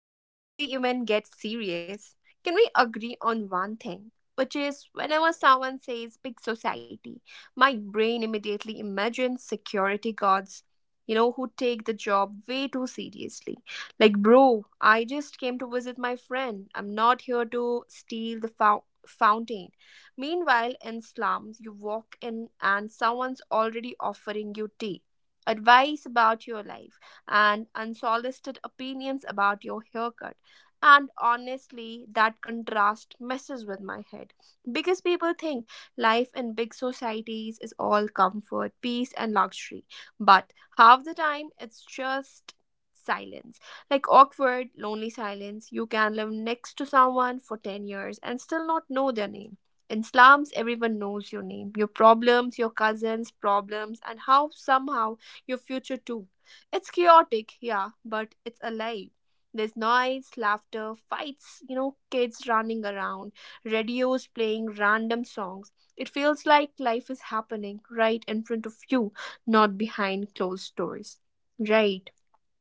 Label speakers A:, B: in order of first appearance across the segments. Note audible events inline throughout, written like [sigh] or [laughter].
A: before we even get serious, can we agree on one thing? Which is, whenever someone says big society, my brain immediately imagines security guards, who take the job way too seriously. Like, bro, I just came to visit my friend. I'm not here to steal the fountain. Meanwhile, in slums, you walk in and someone's already offering you tea, advice about your life and unsolicited opinions about your haircut. And honestly, that contrast messes with my head because people think life in big societies is all comfort, peace, and luxury. But half the time, it's just silence like awkward, lonely silence. You can live next to someone for 10 years and still not know their name. In slums, everyone knows your name, your problems, your cousins' problems, and how somehow your future too. It's chaotic, yeah, but it's alive. There's noise, laughter, fights, kids running around, radios playing random songs. It feels like life is happening right in front of you, not behind closed doors. Right.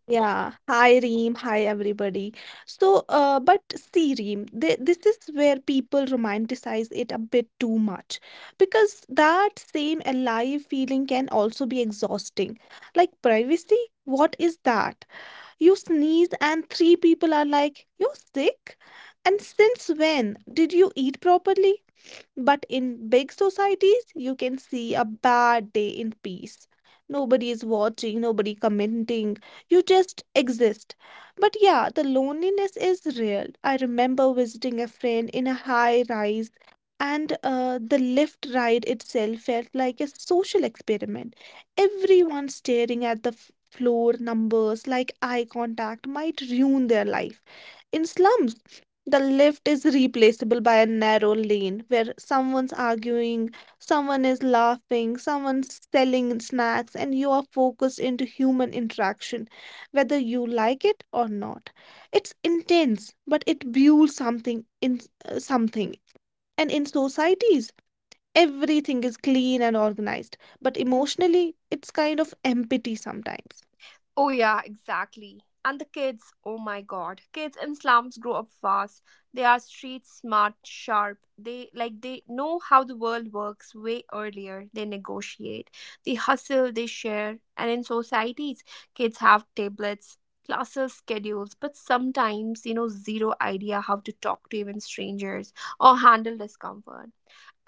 B: Yeah. Hi, Reem. Hi, everybody. So but see, Reem, th this is where people romanticize it a bit too much because that same alive feeling can also be exhausting. Like privacy, what is that? You sneeze and three people are like, "You're sick?" And since when? Did you eat properly? But in big societies, you can see a bad day in peace. Nobody is watching, nobody commenting. You just exist. But yeah, the loneliness is real. I remember visiting a friend in a high rise, and the lift ride itself felt like a social experiment. Everyone staring at the floor numbers like eye contact might ruin their life. In slums, the lift is replaceable by a narrow lane where someone's arguing, someone is laughing, someone's selling snacks, and you are focused into human interaction, whether you like it or not. It's intense, but it builds something in something. And in societies, everything is clean and organized, but emotionally, it's kind of empty sometimes.
A: Oh, yeah, exactly. And the kids, oh my God. Kids in slums grow up fast. They are street smart, sharp. They know how the world works way earlier. They negotiate, they hustle, they share. And in societies, kids have tablets, classes, schedules, but sometimes, zero idea how to talk to even strangers or handle discomfort.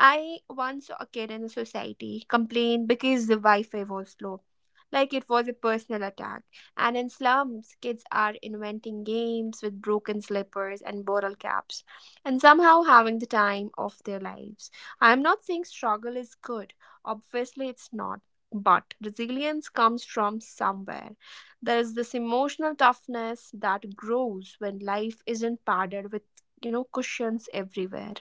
A: I once saw a kid in the society complain because the Wi Fi was slow, like it was a personal attack. And in slums, kids are inventing games with broken slippers and bottle caps, and somehow having the time of their lives. I am not saying struggle is good, obviously, it's not. But resilience comes from somewhere. There is this emotional toughness that grows when life isn't padded with, cushions everywhere.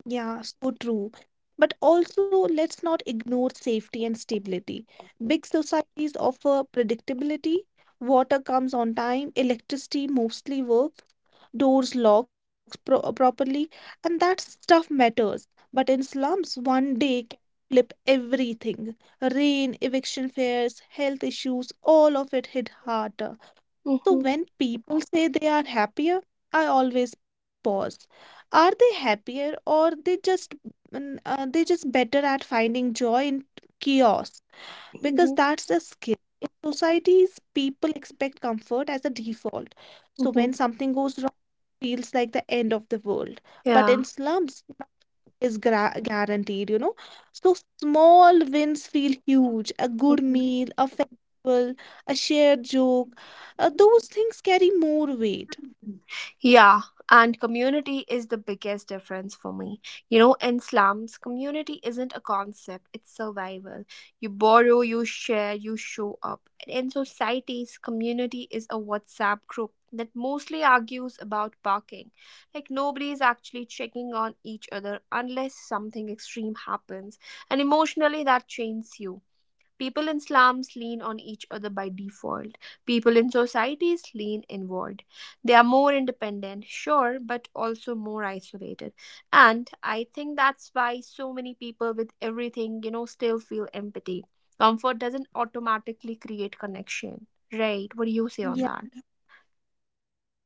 B: Yeah, so true. But also, let's not ignore safety and stability. Big societies offer predictability. Water comes on time, electricity mostly works, doors locks properly, and that stuff matters. But in slums, one day can flip everything. Rain, eviction fears, health issues, all of it hit hard. So
A: Mhm.
B: when people say they are happier, I always pause. Are they happier or they just they just better at finding joy in chaos? Because
A: Mhm.
B: that's a skill. In societies, people expect comfort as a default. So
A: Mhm.
B: when something goes wrong, feels like the end of the world. But
A: Yeah.
B: in slums, is gra guaranteed, you know. So small wins feel huge. A good
A: Mhm.
B: meal, a festival, a shared joke, those things carry more weight.
A: Yeah, and community is the biggest difference for me. In slums, community isn't a concept, it's survival. You borrow, you share, you show up. And in societies, community is a WhatsApp group that mostly argues about parking. Like, nobody is actually checking on each other unless something extreme happens. And emotionally, that chains you. People in slums lean on each other by default. People in societies lean inward. They are more independent, sure, but also more isolated. And I think that's why so many people with everything, still feel empathy. Comfort doesn't automatically create connection. Right? What do you say on
B: Yeah.
A: that?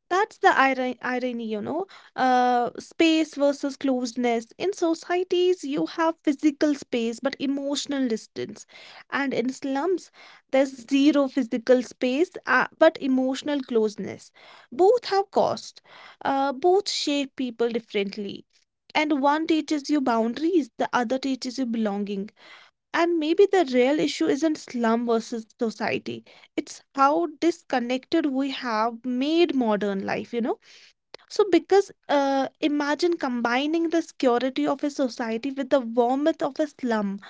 B: That's the irony, you know, space versus closeness. In societies, you have physical space but emotional distance. And in slums, there's zero physical space but emotional closeness. Both have cost, both shape people differently. And one teaches you boundaries, the other teaches you belonging. And maybe the real issue isn't slum versus society. It's how disconnected we have made modern life, you know. So because imagine combining the security of a society with the warmth of a slum.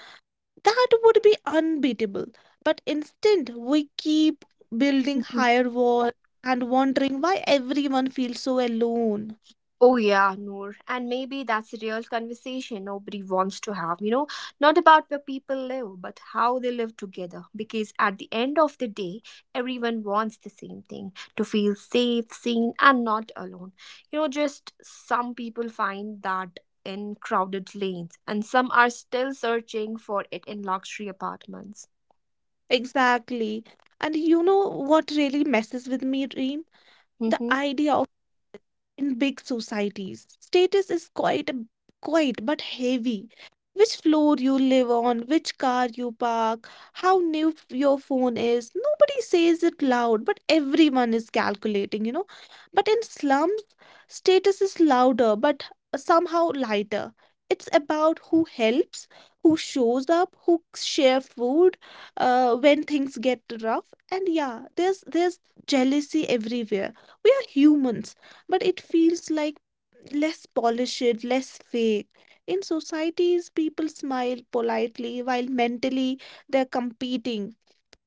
B: That would be unbeatable. But instead, we keep building higher walls and wondering why everyone feels so alone.
A: Oh, yeah, Noor. And maybe that's a real conversation nobody wants to have, not about where people live, but how they live together. Because at the end of the day, everyone wants the same thing to feel safe, seen, and not alone. Just some people find that in crowded lanes, and some are still searching for it in luxury apartments.
B: Exactly. And you know what really messes with me, Reem? The
A: [laughs]
B: idea in big societies. Status is quite but heavy. Which floor you live on, which car you park, how new your phone is. Nobody says it loud, but everyone is calculating, you know. But in slums, status is louder, but somehow lighter. It's about who helps, who shows up, who share food when things get rough. And yeah, there's jealousy everywhere. We are humans but it feels like less polished, less fake. In societies, people smile politely while mentally they're competing.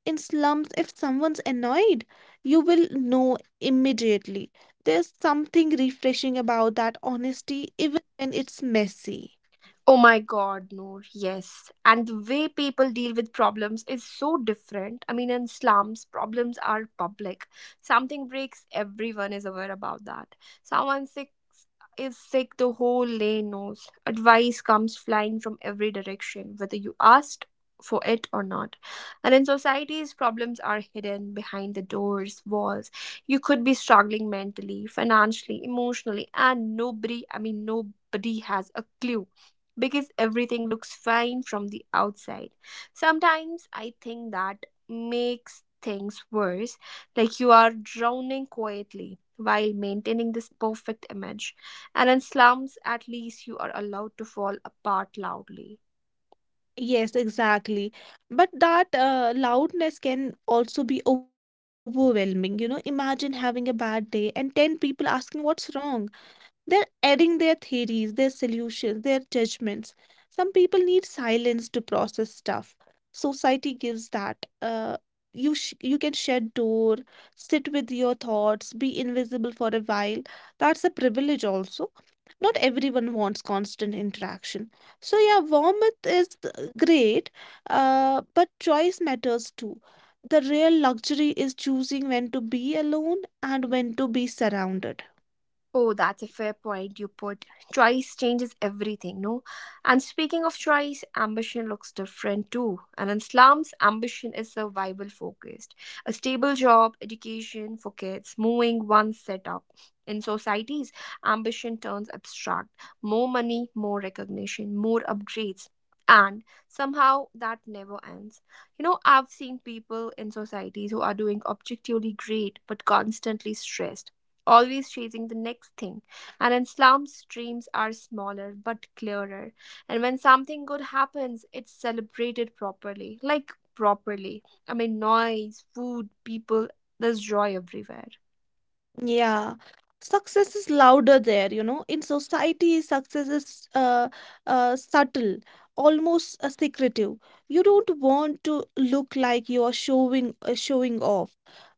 B: In slums, if someone's annoyed, you will know immediately. There's something refreshing about that honesty, even when it's messy.
A: Oh my God, Noor, yes. And the way people deal with problems is so different. I mean, in slums, problems are public. Something breaks, everyone is aware about that. Someone sick is sick, the whole lane knows. Advice comes flying from every direction, whether you asked for it or not. And in societies, problems are hidden behind the doors, walls. You could be struggling mentally, financially, emotionally, and nobody, I mean, nobody has a clue because everything looks fine from the outside. Sometimes I think that makes things worse, like you are drowning quietly while maintaining this perfect image. And in slums, at least you are allowed to fall apart loudly.
B: Yes, exactly. But that loudness can also be overwhelming. You know, imagine having a bad day and 10 people asking what's wrong. They're adding their theories, their solutions, their judgments. Some people need silence to process stuff. Society gives that. You you can shut door, sit with your thoughts, be invisible for a while. That's a privilege also. Not everyone wants constant interaction. So yeah, warmth is great, but choice matters too. The real luxury is choosing when to be alone and when to be surrounded.
A: Oh, that's a fair point you put. Choice changes everything, no? And speaking of choice, ambition looks different too. And in slums, ambition is survival focused. A stable job, education for kids, moving one setup. In societies, ambition turns abstract. More money, more recognition, more upgrades. And somehow that never ends. You know, I've seen people in societies who are doing objectively great but constantly stressed, always chasing the next thing. And in slums, dreams are smaller but clearer. And when something good happens, it's celebrated properly, like properly. I mean, noise, food, people, there's joy everywhere.
B: Yeah, success is louder there, you know. In society, success is subtle, almost secretive. You don't want to look like you are showing off,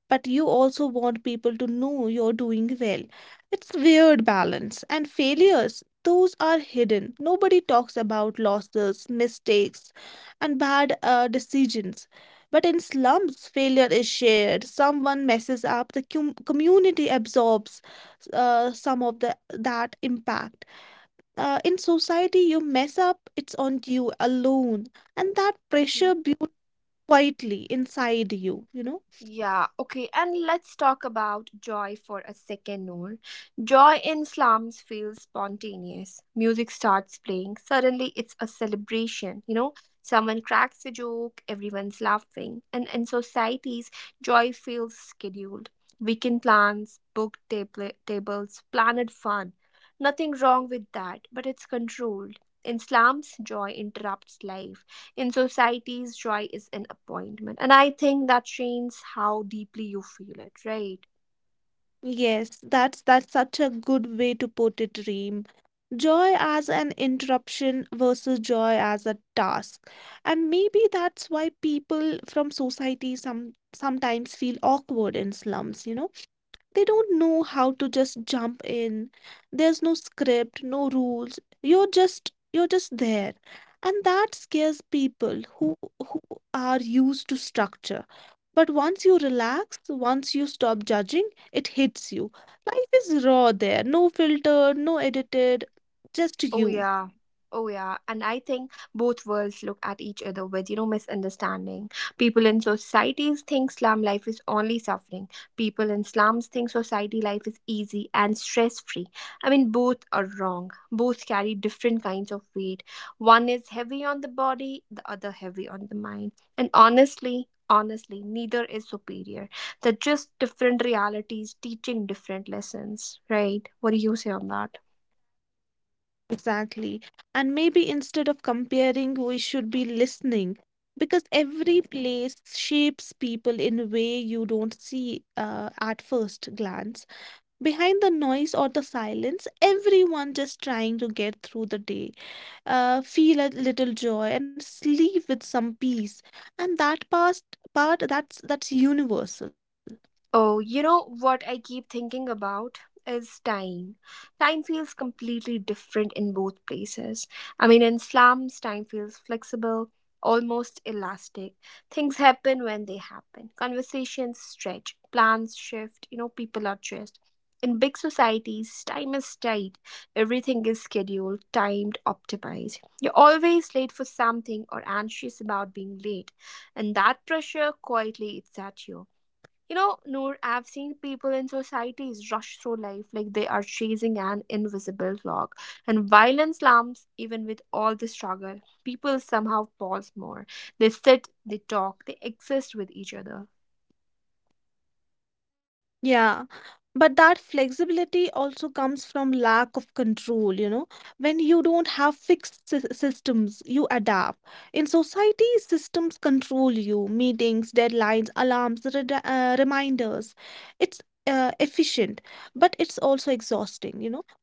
B: but you also want people to know you're doing well. It's weird balance. And failures, those are hidden. Nobody talks about losses, mistakes, and bad decisions. But in slums, failure is shared. Someone messes up, the cum community absorbs some of the that impact. In society, you mess up, it's on you alone, and that pressure builds quietly inside you. You know.
A: Yeah, okay, and let's talk about joy for a second, Noor. Joy in slums feels spontaneous. Music starts playing, suddenly it's a celebration, you know? Someone cracks a joke, everyone's laughing. And in societies, joy feels scheduled. Weekend plans, booked tables, planned fun. Nothing wrong with that, but it's controlled. In slums, joy interrupts life. In societies, joy is an appointment. And I think that changes how deeply you feel it, right?
B: Yes, that's such a good way to put it, Reem. Joy as an interruption versus joy as a task. And maybe that's why people from society sometimes feel awkward in slums, you know? They don't know how to just jump in. There's no script, no rules. You're just there. And that scares people who are used to structure. But once you relax, once you stop judging, it hits you. Life is raw there, no filter, no edited, just
A: Oh
B: you.
A: yeah. Oh yeah. And I think both worlds look at each other with, misunderstanding. People in societies think slum life is only suffering. People in slums think society life is easy and stress free. I mean both are wrong. Both carry different kinds of weight. One is heavy on the body, the other heavy on the mind. And honestly, honestly, neither is superior. They're just different realities teaching different lessons. Right? What do you say on that?
B: Exactly. And maybe instead of comparing, we should be listening because every place shapes people in a way you don't see at first glance. Behind the noise or the silence, everyone just trying to get through the day feel a little joy and sleep with some peace and that past part that's universal.
A: Oh, you know what I keep thinking about is time. Time feels completely different in both places. I mean, in slums, time feels flexible, almost elastic. Things happen when they happen. Conversations stretch, plans shift, people are dressed. In big societies, time is tight. Everything is scheduled, timed, optimized. You're always late for something or anxious about being late, and that pressure quietly eats at you, Noor. I've seen people in societies rush through life like they are chasing an invisible clock. And while in slums, even with all the struggle, people somehow pause more. They sit, they talk, they exist with each other.
B: Yeah, but that flexibility also comes from lack of control, you know. When you don't have fixed systems, you adapt. In society, systems control you, meetings, deadlines, alarms, reminders. It's efficient, but it's also exhausting, you know.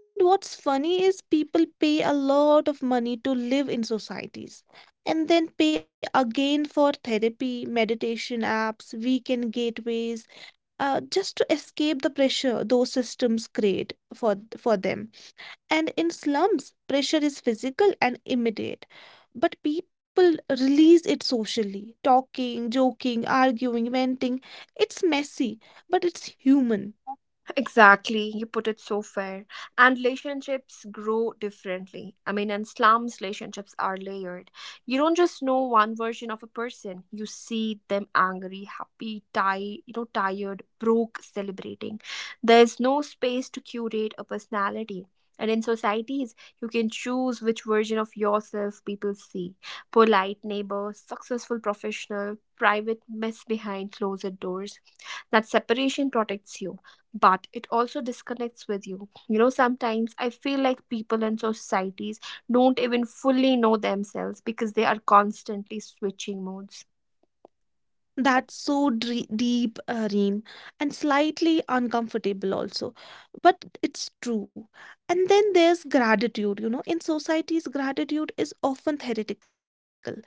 B: And what's funny is people pay a lot of money to live in societies. And then pay again for therapy, meditation apps, weekend gateways, just to escape the pressure those systems create for them, and in slums pressure is physical and immediate, but people release it socially, talking, joking, arguing, venting. It's messy, but it's human.
A: Exactly, you put it so fair. And relationships grow differently. I mean, in slums, relationships are layered. You don't just know one version of a person. You see them angry, happy, tired, broke, celebrating. There's no space to curate a personality. And in societies, you can choose which version of yourself people see. Polite neighbor, successful professional, private mess behind closed doors. That separation protects you, but it also disconnects with you. Sometimes I feel like people and societies don't even fully know themselves because they are constantly switching modes.
B: That's so deep, Reem, and slightly uncomfortable also. But it's true. And then there's gratitude. You know, in societies, gratitude is often theoretical.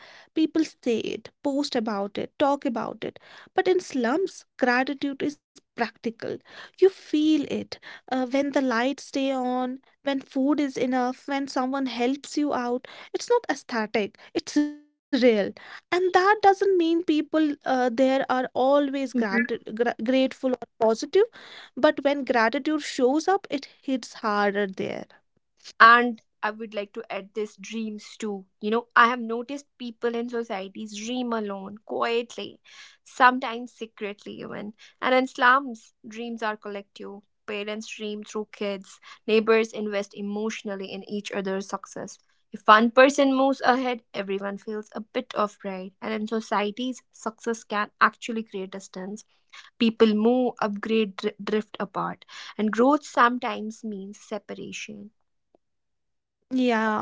B: People say it, post about it, talk about it. But in slums, gratitude is practical. You feel it when the lights stay on, when food is enough, when someone helps you out. It's not aesthetic, it's real. And that doesn't mean people there are always grateful or positive, but when gratitude shows up, it hits harder there.
A: And I would like to add this dreams too. I have noticed people in societies dream alone, quietly, sometimes secretly even. And in slums, dreams are collective. Parents dream through kids, neighbors invest emotionally in each other's success. If one person moves ahead, everyone feels a bit of pride. And in societies, success can actually create distance. People move, upgrade, drift apart. And growth sometimes means separation.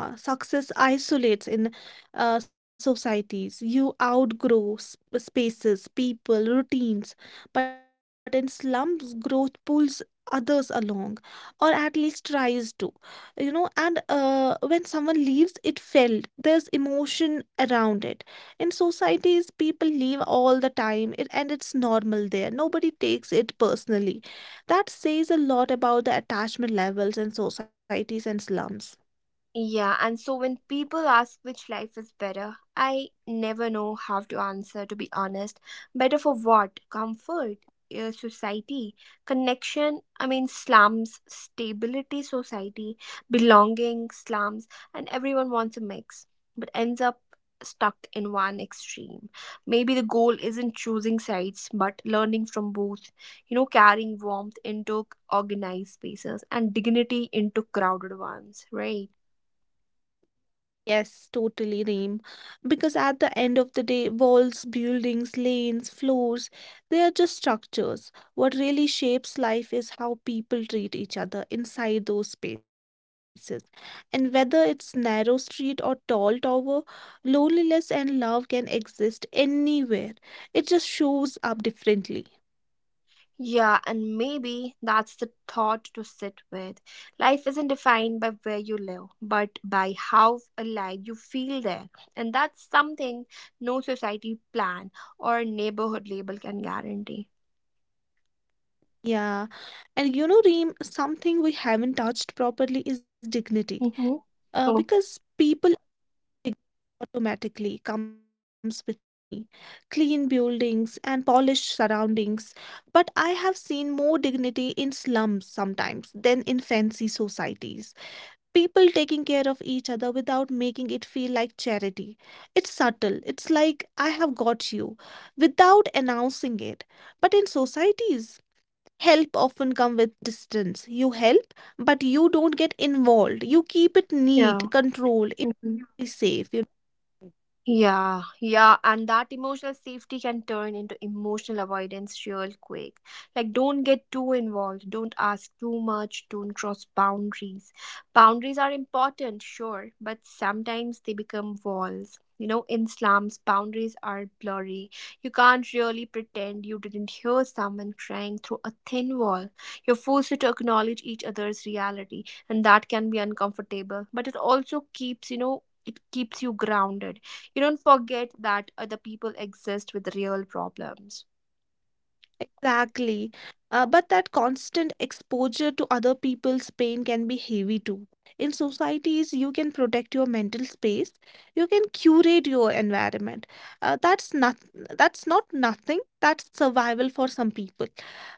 B: Yeah, success isolates in societies. You outgrow spaces, people, routines, but in slums, growth pulls others along, or at least tries to. You know, and when someone leaves, it felt there's emotion around it. In societies, people leave all the time, and it's normal there. Nobody takes it personally. That says a lot about the attachment levels in societies and slums.
A: Yeah, and so when people ask which life is better, I never know how to answer, to be honest. Better for what? Comfort, society, connection, I mean, slums, stability, society, belonging, slums, and everyone wants a mix, but ends up stuck in one extreme. Maybe the goal isn't choosing sides, but learning from both, carrying warmth into organized spaces and dignity into crowded ones, right?
B: Yes, totally, Reem. Because at the end of the day, walls, buildings, lanes, floors, they are just structures. What really shapes life is how people treat each other inside those spaces. And whether it's narrow street or tall tower, loneliness and love can exist anywhere. It just shows up differently.
A: Yeah, and maybe that's the thought to sit with. Life isn't defined by where you live, but by how alive you feel there. And that's something no society plan or neighborhood label can guarantee.
B: Yeah. And you know, Reem, something we haven't touched properly is dignity.
A: Mm-hmm. Oh,
B: Because people automatically comes with money, clean buildings, and polished surroundings. But I have seen more dignity in slums sometimes than in fancy societies. People taking care of each other without making it feel like charity. It's subtle, it's like I have got you without announcing it. But in societies, help often come with distance. You help, but you don't get involved. You keep it neat,
A: yeah.
B: controlled,
A: Mm-hmm.
B: it's safe. You
A: Yeah, yeah, and that emotional safety can turn into emotional avoidance real quick. Like, don't get too involved, don't ask too much, don't cross boundaries. Boundaries are important, sure, but sometimes they become walls. In slums, boundaries are blurry. You can't really pretend you didn't hear someone crying through a thin wall. You're forced to acknowledge each other's reality, and that can be uncomfortable, but it also keeps you grounded. You don't forget that other people exist with real problems.
B: exactly. But that constant exposure to other people's pain can be heavy too. In societies, you can protect your mental space, you can curate your environment. Uh, that's not that's not nothing, that's survival for some people,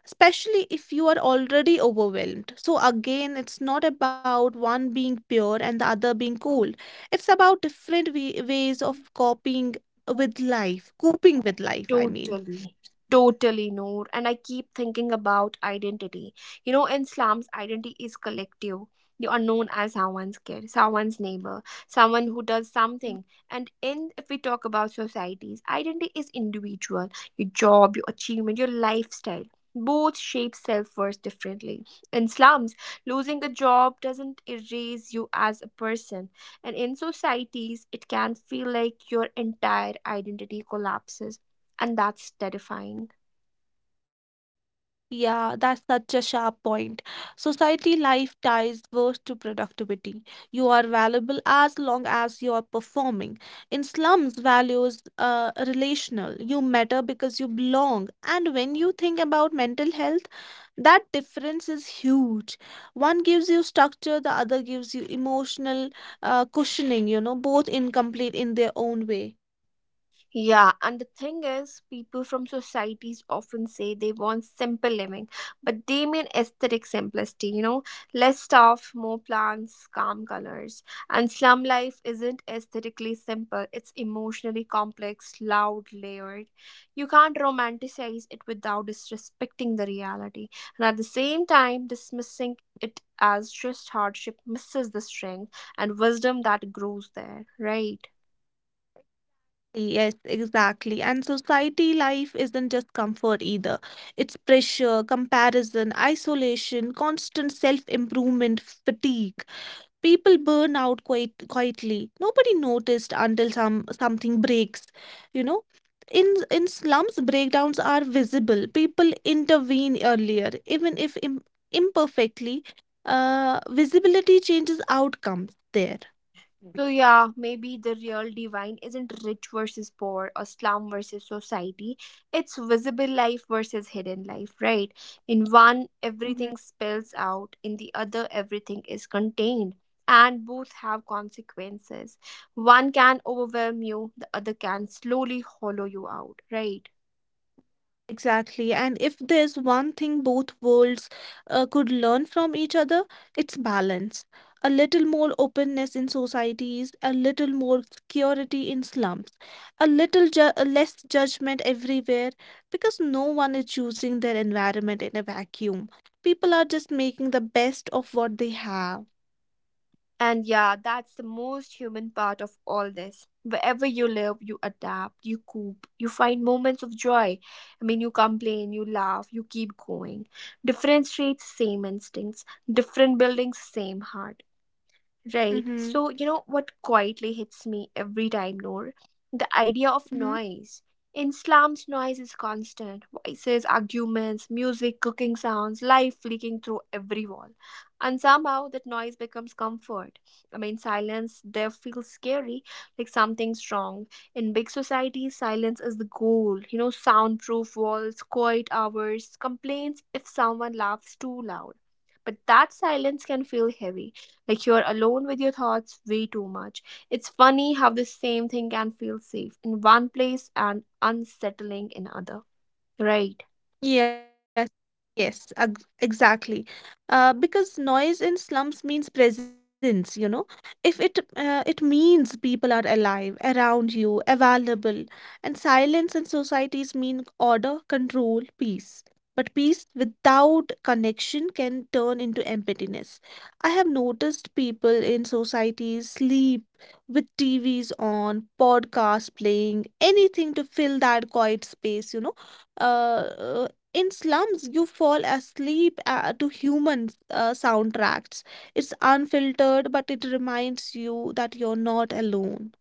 B: especially if you are already overwhelmed. So again, it's not about one being pure and the other being cold. It's about different wa ways of coping with life, I mean.
A: Totally, totally, Noor. And I keep thinking about identity. In slums, identity is collective. You are known as someone's kid, someone's neighbor, someone who does something. And in, if we talk about societies, identity is individual. Your job, your achievement, your lifestyle. Both shape self worth differently. In slums, losing a job doesn't erase you as a person. And in societies, it can feel like your entire identity collapses, and that's terrifying.
B: Yeah, that's such a sharp point. Society life ties worse to productivity. You are valuable as long as you are performing. In slums, values are relational. You matter because you belong. And when you think about mental health, that difference is huge. One gives you structure, the other gives you emotional cushioning, you know, both incomplete in their own way.
A: Yeah, and the thing is, people from societies often say they want simple living, but they mean aesthetic simplicity, less stuff, more plants, calm colors. And slum life isn't aesthetically simple, it's emotionally complex, loud, layered. You can't romanticize it without disrespecting the reality, and at the same time, dismissing it as just hardship misses the strength and wisdom that grows there, right?
B: Yes, exactly. And society life isn't just comfort either. It's pressure, comparison, isolation, constant self-improvement, fatigue. People burn out quite quietly. Nobody noticed until something breaks, you know. In slums, breakdowns are visible. People intervene earlier, even if im imperfectly. Visibility changes outcomes there. Bec-
A: So yeah, maybe the real divine isn't rich versus poor or slum versus society. It's visible life versus hidden life, right? In one,
B: Mhm.
A: everything spills out, in the other, everything is contained. And both have consequences. One can overwhelm you, the other can slowly hollow you out, right?
B: Exactly. And if there's one thing both worlds could learn from each other, it's balance. A little more openness in societies, a little more security in slums, a little ju less judgment everywhere, because no one is choosing their environment in a vacuum. People are just making the best of what they have.
A: And yeah, that's the most human part of all this. Wherever you live, you adapt, you cope, you find moments of joy. I mean, you complain, you laugh, you keep going. Different streets, same instincts. Different buildings, same heart. Right.
B: Mm-hmm.
A: So, you know what quietly hits me every time, Noor? The idea of
B: Mm-hmm.
A: noise. In slums, noise is constant voices, arguments, music, cooking sounds, life leaking through every wall. And somehow that noise becomes comfort. I mean, silence there feels scary, like something's wrong. In big societies, silence is the goal. You know, soundproof walls, quiet hours, complaints if someone laughs too loud. But that silence can feel heavy, like you're alone with your thoughts way too much. It's funny how the same thing can feel safe in one place and unsettling in other. Right.
B: Yes, exactly. Because noise in slums means presence, you know. If it It means people are alive, around you, available, and silence in societies mean order, control, peace. But peace without connection can turn into emptiness. I have noticed people in societies sleep with TVs on, podcasts playing, anything to fill that quiet space. Uh, in slums, you fall asleep to human soundtracks. It's unfiltered, but it reminds you that you're not alone.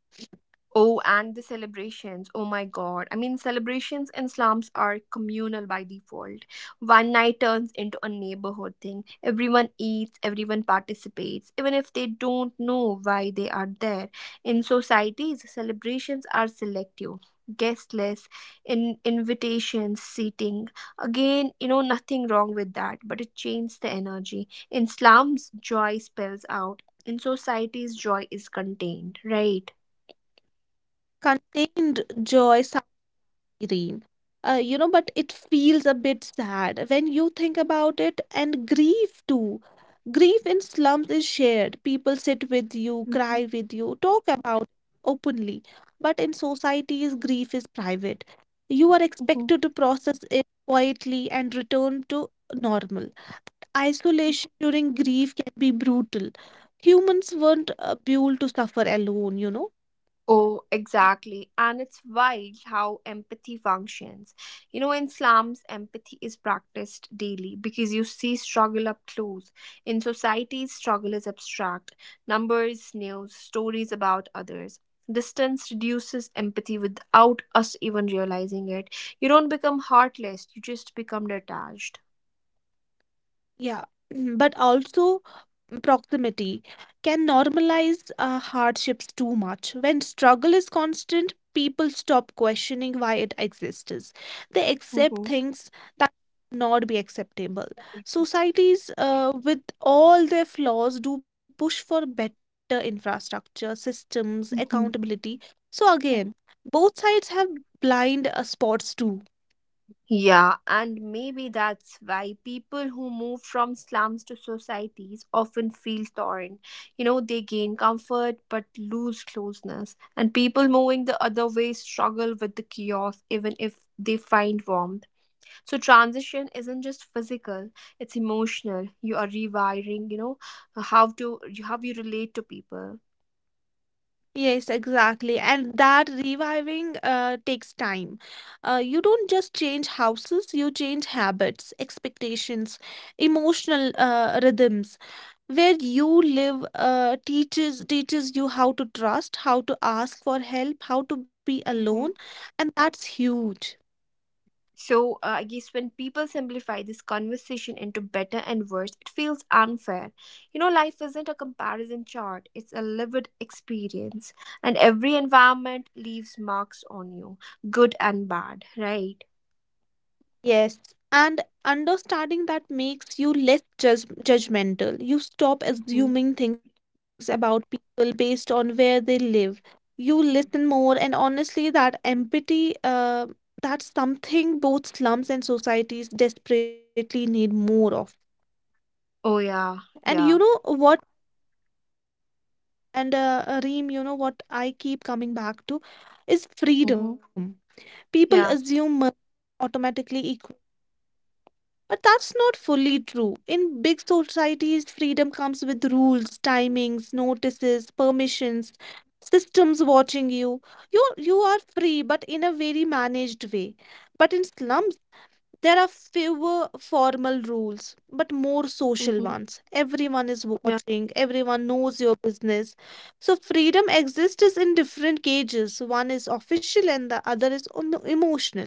A: Oh, and the celebrations. Oh my God. I mean, celebrations in slums are communal by default. One night turns into a neighborhood thing. Everyone eats, everyone participates, even if they don't know why they are there. In societies, celebrations are selective. Guest lists, in invitations, seating. Again, you know, nothing wrong with that, but it changes the energy. In slums, joy spells out. In societies, joy is contained, right?
B: Contained joy dream. But it feels a bit sad when you think about it, and grief too. Grief in slums is shared. People sit with you, cry with you, talk about it openly. But in societies, grief is private. You are
A: Mhm.
B: expected to process it quietly and return to normal. Isolation during grief can be brutal. Humans weren't built to suffer alone.
A: Oh, exactly. And it's wild how empathy functions. You know, in slums, empathy is practiced daily because you see struggle up close. In societies, struggle is abstract, numbers, news, stories about others. Distance reduces empathy without us even realizing it. You don't become heartless, you just become detached.
B: Yeah, [clears throat] but also proximity can normalize hardships too much. When struggle is constant, people stop questioning why it exists. They accept
A: Mm-hmm.
B: things that not be acceptable. Societies with all their flaws do push for better infrastructure, systems,
A: Mm-hmm.
B: accountability. So again, both sides have blind spots too.
A: Yeah, and maybe that's why people who move from slums to societies often feel torn. You know, they gain comfort but lose closeness. And people moving the other way struggle with the chaos even if they find warmth. So transition isn't just physical, it's emotional. You are rewiring, you know, how to how you relate to people.
B: Yes, exactly. And that reviving takes time. You don't just change houses, you change habits, expectations, emotional rhythms. Where you live teaches you how to trust, how to ask for help, how to be alone,
A: Hmm.
B: and that's huge.
A: So I guess when people simplify this conversation into better and worse, it feels unfair. You know, life isn't a comparison chart, it's a lived experience. And every environment leaves marks on you, good and bad, right?
B: Yes, and understanding that makes you less judge judgmental. You stop
A: Hmm.
B: assuming things about people based on where they live. You listen more, and honestly, that empathy, that's something both slums and societies desperately need more of.
A: Oh yeah.
B: And
A: Yeah.
B: you know what, and Reem, you know what I keep coming back to is
A: Hmm.
B: freedom. People
A: Yeah.
B: assume money automatically but that's not fully true. In big societies, freedom comes with rules, timings, notices, permissions, systems watching you. You are free, but in a very managed way. But in slums, there are fewer formal rules, but more social
A: Mhm.
B: ones. Everyone is
A: Yeah.
B: watching, everyone knows your business. So freedom exists in different cages. One is official and the other is emotional.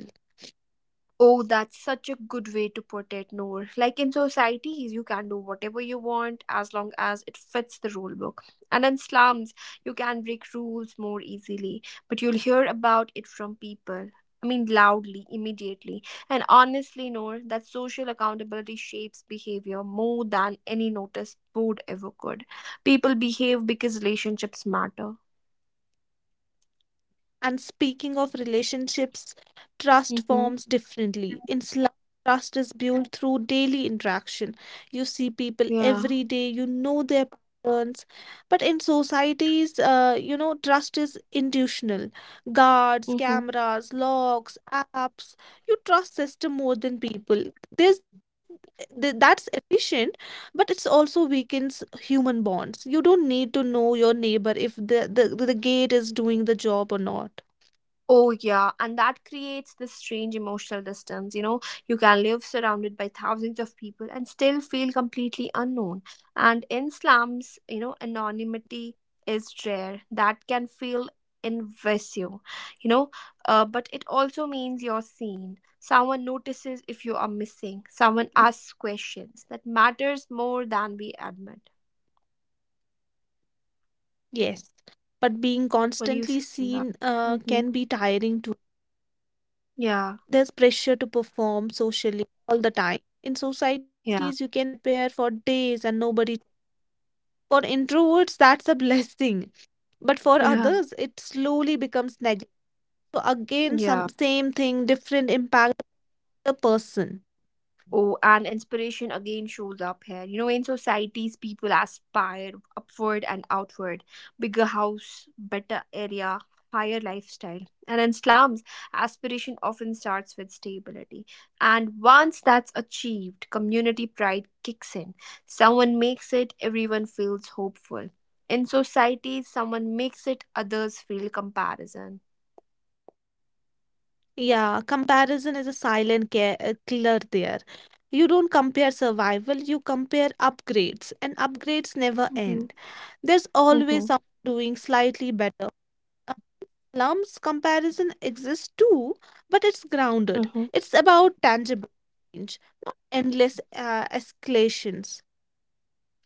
A: Oh, that's such a good way to put it, Noor. Like in societies, you can do whatever you want as long as it fits the rule book. And in slums, you can break rules more easily, but you'll hear about it from people. I mean, loudly, immediately. And honestly, Noor, that social accountability shapes behavior more than any notice board ever could. People behave because relationships matter.
B: And speaking of relationships, trust
A: Mm-hmm.
B: forms differently. In slum, trust is built through daily interaction. You see people
A: Yeah.
B: every day, you know their patterns. But in societies, trust is intuitional. Guards,
A: Mm-hmm.
B: cameras, locks, apps. You trust system more than people. This that's efficient but it's also weakens human bonds. You don't need to know your neighbor if the gate is doing the job or not.
A: Oh, yeah, and that creates this strange emotional distance. You know, you can live surrounded by thousands of people and still feel completely unknown. And in slums, you know, anonymity is rare. That can feel invasive, you know, but it also means you're seen. Someone notices if you are missing,
B: Mm,
A: someone asks questions that matters more than we admit.
B: yes. But being
A: What do you
B: constantly
A: say on that?
B: seen
A: Mm-hmm.
B: can be tiring too.
A: Yeah,
B: There's pressure to perform socially all the time. In societies, you
A: yeah,
B: can disappear for days and nobody. For introverts, that's a [laughs] blessing. But for
A: [laughs] yeah,
B: others, it slowly becomes neglect. So again, some
A: yeah.
B: same thing, different impact on the person.
A: Oh, and inspiration again shows up here. You know, in societies, people aspire upward and outward, bigger house, better area, higher lifestyle. And in slums, aspiration often starts with stability. And once that's achieved, community pride kicks in. Someone makes it, everyone feels hopeful. In societies, someone makes it, others feel comparison.
B: Yeah, comparison is a silent care, killer there. You don't compare survival, you compare upgrades, and upgrades never
A: Mm-hmm.
B: end. There's
A: Mm-hmm.
B: always someone doing slightly better. Lumps comparison exists too, but it's grounded. It's about tangible change, not endless escalations.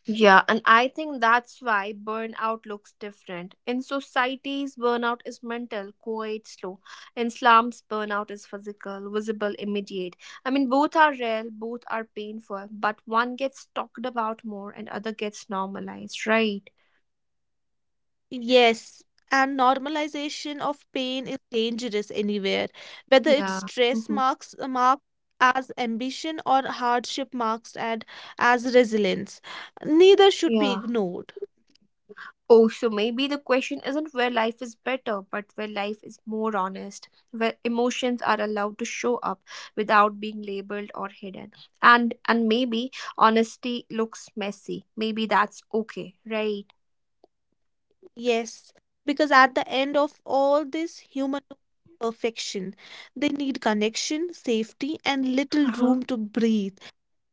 A: Yeah, and I think that's why burnout looks different. In societies, burnout is mental, quiet, slow. In slums, burnout is physical, visible, immediate. I mean, both are real, both are painful, but one gets talked about more and other gets normalized, right?
B: Yes, and normalization of pain is dangerous anywhere, whether it's
A: Yeah.
B: stress
A: Hmm.
B: marks marked as ambition or hardship marks and as resilience. Neither should be
A: Yeah.
B: ignored.
A: Oh, so maybe the question isn't where life is better, but where life is more honest, where emotions are allowed to show up without being labeled or hidden. And maybe honesty looks messy. Maybe that's okay, right?
B: Yes, because at the end of all this, human need perfection, they need connection, safety, and little room
A: Uh-huh.
B: to breathe.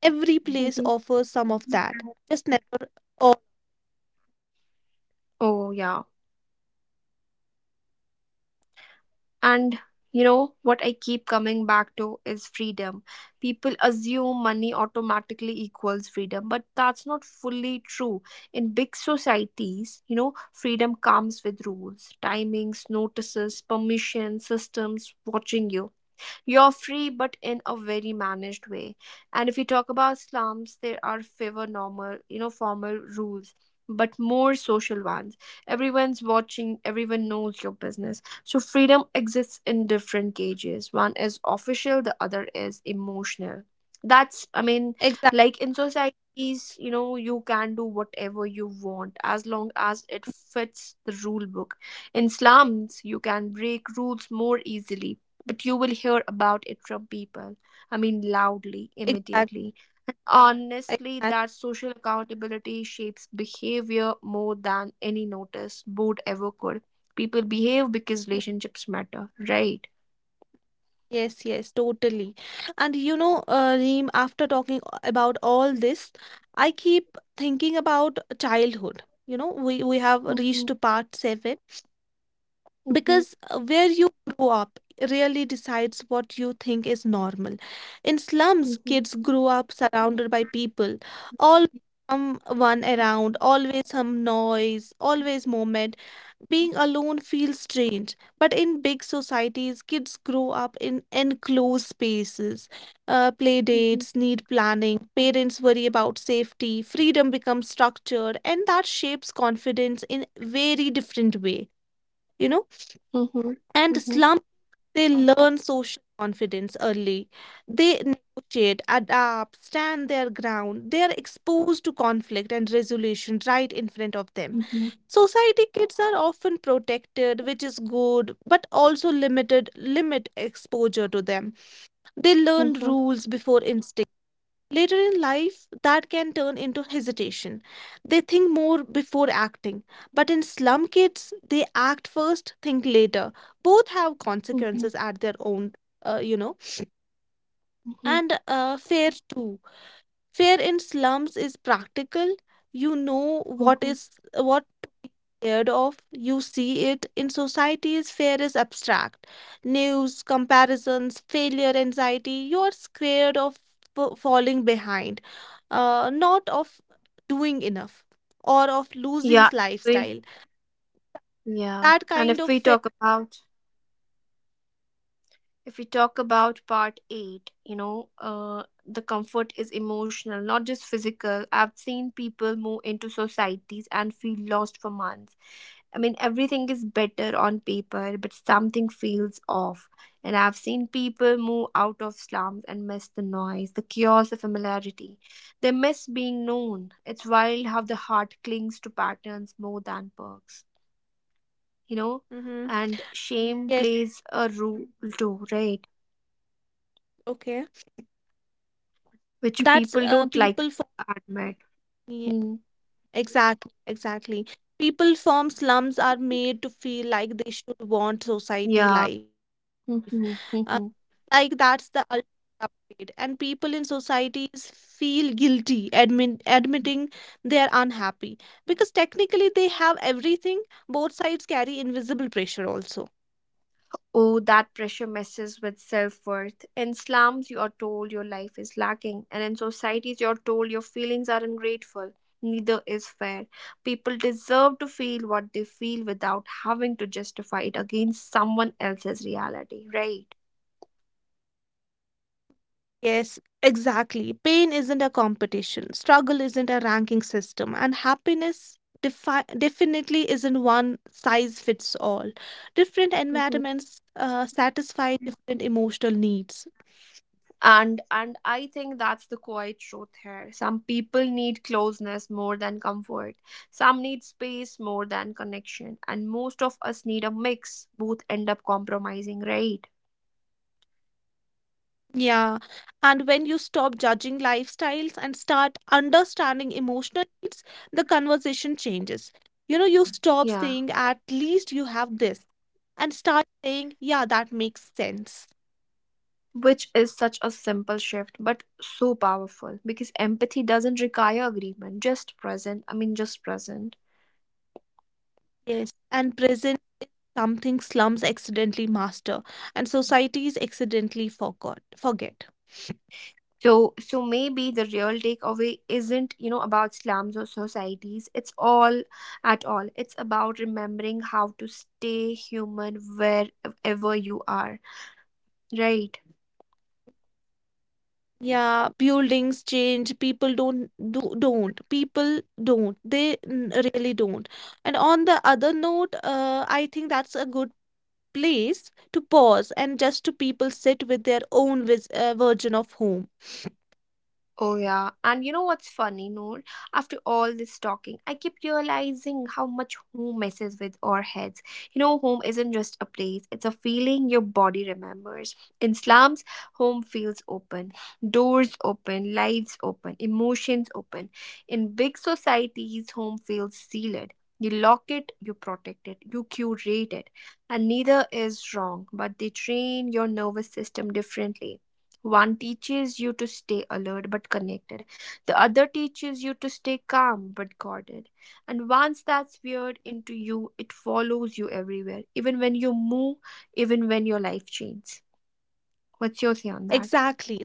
B: Every place
A: Mhm.
B: offers some of that. Just never all.
A: Oh yeah. And you know what I keep coming back to is freedom. People assume money automatically equals freedom, but that's not fully true. In big societies, you know, freedom comes with rules, timings, notices, permission, systems watching you. You're free, but in a very managed way. And if we talk about slums, there are fewer normal, you know, formal rules, but more social ones. Everyone's watching, everyone knows your business. So freedom exists in different gauges. One is official, the other is emotional. That's, I mean,
B: Exact,
A: like in societies, you know, you can do whatever you want as long as it fits the rule book. In slums, you can break rules more easily, but you will hear about it from people. I mean, loudly,
B: exact,
A: immediately. Honestly,
B: exact.
A: that social accountability shapes behavior more than any notice board ever could. People behave because relationships matter, right?
B: Yes, yes, totally. And you know, Reem, after talking about all this, I keep thinking about childhood. You know, we have reached
A: Mhm,
B: to part seven
A: mhm,
B: because where you grow up really decides what you think is normal. In slums,
A: mhm,
B: kids grow up surrounded by people, always someone around, always some noise, always moment. Being alone feels strange, but in big societies, kids grow up in enclosed spaces. Play
A: mhm,
B: dates need planning, parents worry about safety, freedom becomes structured, and that shapes confidence in very different way, you know?
A: mhm, mhm,
B: And slum they learn social confidence early. They negotiate, adapt, stand their ground. They are exposed to conflict and resolution right in front of them.
A: mhm,
B: Society kids are often protected, which is good, but also limit exposure to them. They learn
A: mhm,
B: rules before instinct. Later in life, that can turn into hesitation. They think more before acting. But in slum kids, they act first, think later. Both have
A: mhm,
B: consequences at their own, you know.
A: mhm,
B: And fair too. Fair in slums is practical. You know what
A: mhm.
B: is what scared of. You see it in societies fear is abstract. News, comparisons, failure, anxiety. You're scared of falling behind, not of doing enough or of losing
A: Yeah, we,
B: lifestyle.
A: yeah.
B: That
A: And
B: kind
A: if
B: of
A: we
B: fear.
A: talk about if we talk about part 8, you know, the comfort is emotional, not just physical. I've seen people move into societies and feel lost for months. I mean, everything is better on paper but something feels off. And I've seen people move out of slums and miss the noise, the chaos, the familiarity. They miss being known. It's wild how the heart clings to patterns more than perks, you know.
B: Hmm.
A: And shame
B: Yes,
A: plays a role too, right?
B: okay.
A: Which
B: That's
A: people don't like
B: people for
A: to admit.
B: me.
A: Hmm.
B: Exactly, exactly. People from slums are made to feel like they should want society
A: Yeah.
B: life. Uh,
A: Mhm.
B: like
A: Mhm.
B: that's the ultimate upgrade. And people in societies feel guilty admitting they're unhappy because technically they have everything. Both sides carry invisible pressure also.
A: Oh, that pressure messes with self worth. In slums, you are told your life is lacking, and in societies, you are told your feelings are ungrateful. Neither is fair. People deserve to feel what they feel without having to justify it against someone else's reality, right?
B: Yes, exactly. Pain isn't a competition, struggle isn't a ranking system, and happiness definitely isn't one size fits all. Different
A: Mhm.
B: environments satisfy different emotional needs.
A: And I think that's the quiet truth here. Some people need closeness more than comfort. Some need space more than connection. And most of us need a mix. Both end up compromising, right?
B: Yeah, and when you stop judging lifestyles and start understanding emotional needs, the conversation changes. You know, you stop
A: Yeah.
B: saying, at least you have this, and start saying, yeah, that makes sense.
A: Which is such a simple shift, but so powerful because empathy doesn't require agreement, just present. I mean, just present.
B: Yes, and present something slums accidentally master and societies accidentally forgot forget.
A: So maybe the real takeaway isn't, you know, about slums or societies, it's all, at all, it's about remembering how to stay human wherever you are, right?
B: Yeah, buildings change, people don't do don't people don't they n- really don't. And on the other note, I think that's a good place to pause and just to people sit with their own version of home.
A: Oh, yeah. And you know what's funny, Noor? After all this talking, I keep realizing how much home messes with our heads. You know, home isn't just a place, it's a feeling your body remembers. In slums, home feels open, doors open, lives open, emotions open. In big societies, home feels sealed. You lock it, you protect it, you curate it. And neither is wrong, but they train your nervous system differently. One teaches you to stay alert but connected. The other teaches you to stay calm but guarded. And once that's weird into you, it follows you everywhere, even when you move, even when your life changes. What's your say on that?
B: Exactly.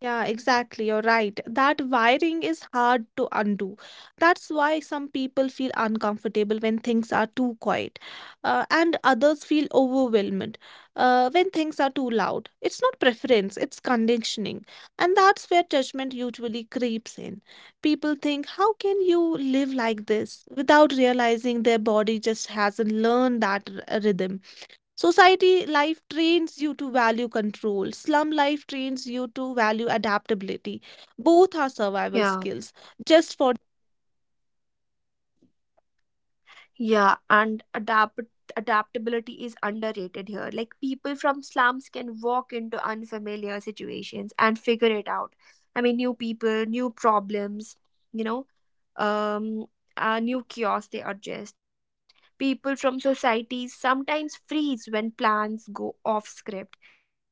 B: Yeah, exactly. You're right. That wiring is hard to undo. That's why some people feel uncomfortable when things are too quiet, and others feel overwhelmed when things are too loud. It's not preference, it's conditioning. And that's where judgment usually creeps in. People think, how can you live like this without realizing their body just hasn't learned that rhythm? Society life trains you to value control. Slum life trains you to value adaptability. Both are survival
A: Yeah.
B: skills. Just for
A: Yeah, and adaptability is underrated here. Like people from slums can walk into unfamiliar situations and figure it out. I mean, new people, new problems, you know um, new chaos, they adjust. People from societies sometimes freeze when plans go off script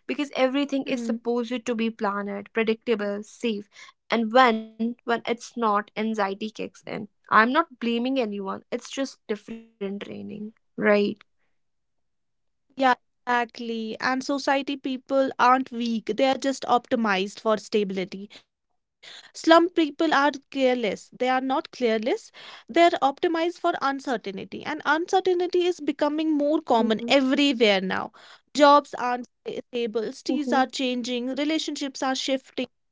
A: because everything
B: hmm.
A: is supposed to be planned, predictable, safe. And when it's not, anxiety kicks in. I'm not blaming anyone. It's just different training, right?
B: Yeah, exactly. And society people aren't weak. They are just optimized for stability. Slum people are careless. They are not careless. They are optimized for uncertainty. And uncertainty is becoming more common
A: Mm-hmm.
B: everywhere now. Jobs aren't stable.
A: Mm-hmm.
B: Cities are changing. Relationships are shifting.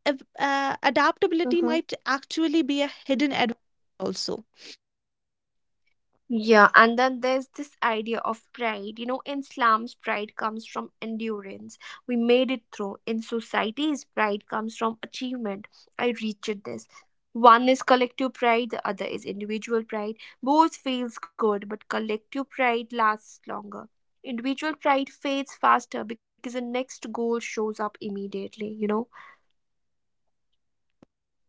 B: that av- Adaptability might actually be a hidden advantage also.
A: Yeah, and then there's this idea of pride. You know, in slums, pride comes from endurance. We made it through. In societies, pride comes from achievement. I reached this. One is collective pride, the other is individual pride. Both feels good, but collective pride lasts longer. Individual pride fades faster because the next goal shows up immediately, you know?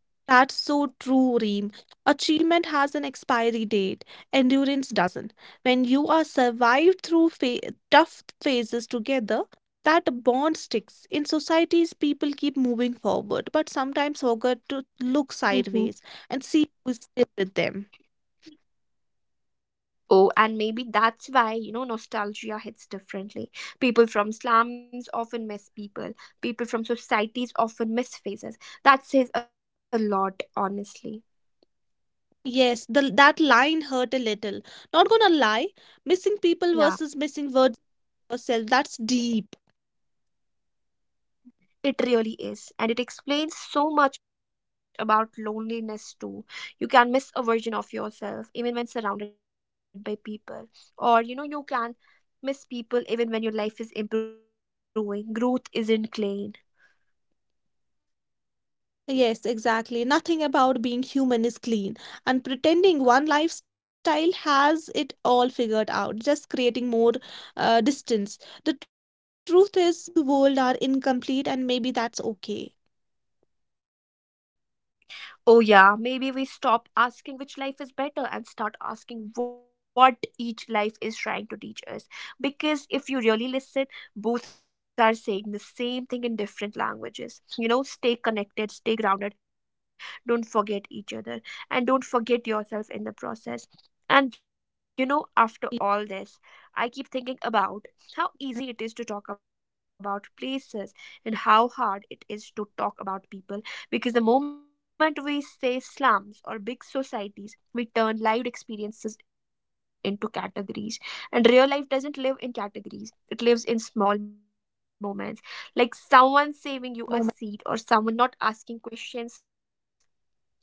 B: That's so true, Reem. Achievement has an expiry date, endurance doesn't. When you are survived through tough phases together, that bond sticks. In societies, people keep moving forward, but sometimes forget to look sideways and see who is still with them.
A: Oh, and maybe that's why, you know, nostalgia hits differently. People from slums often miss people. People from societies often miss faces. That says a lot, honestly.
B: Yes, the that line hurt a little. Not gonna lie, missing people versus
A: Yeah,
B: missing words yourself, that's deep.
A: it really is. And it explains so much about loneliness, too. You can miss a version of yourself even when surrounded by people. Or, you know, you can miss people even when your life is improving. Growth isn't clean.
B: Yes, exactly. Nothing about being human is clean, and pretending one lifestyle has it all figured out, just creating more distance. The truth is, both world are incomplete, and maybe that's okay.
A: Oh, yeah, maybe we stop asking which life is better and start asking what each life is trying to teach us. Because if you really listen, both are saying the same thing in different languages. You know, stay connected, stay grounded, don't forget each other, and don't forget yourself in the process. And you know, after all this, I keep thinking about how easy it is to talk about places and how hard it is to talk about people because the moment we say slums or big societies, we turn lived experiences into categories. And real life doesn't live in categories, it lives in small moments, like someone saving you a
B: The moment.
A: seat or someone not asking questions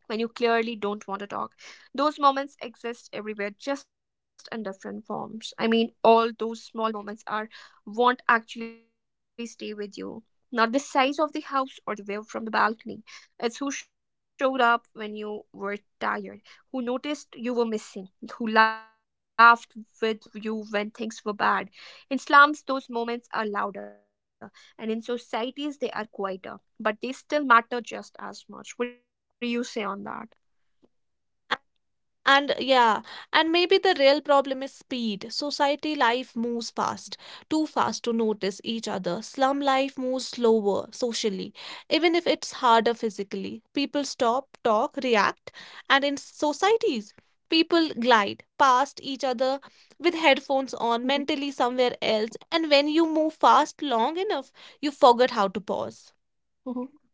A: when you clearly don't want to talk. Those moments exist everywhere, just in different forms. I mean, all those small moments are won't actually stay with you. Not the size of the house or the view from the balcony. It's who showed up when you were tired, who noticed you were missing, who laughed with you when things were bad. In slums, those moments are louder, and in societies, they are quieter but they still matter just as much. What do you say on that?
B: And yeah, and maybe the real problem is speed. Society life moves fast, too fast to notice each other. Slum life moves slower socially, even if it's harder physically. People stop, talk, react, and in societies, people glide past each other with headphones on,
A: hmm
B: mentally somewhere else. And when you move fast long enough, you forget how to pause.
A: hmm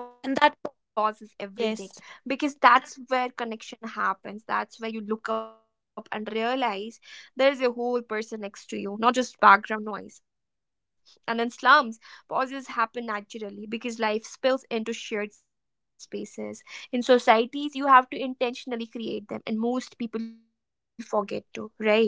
A: Oh,
B: And
A: that
B: that,
A: pauses everything
B: yes.
A: because that's where connection happens. That's where you look up and realize there's a whole person next to you, not just background noise. And in slums, pauses happen naturally because life spills into shared spaces. In societies, you have to intentionally create them, and most people forget to, right?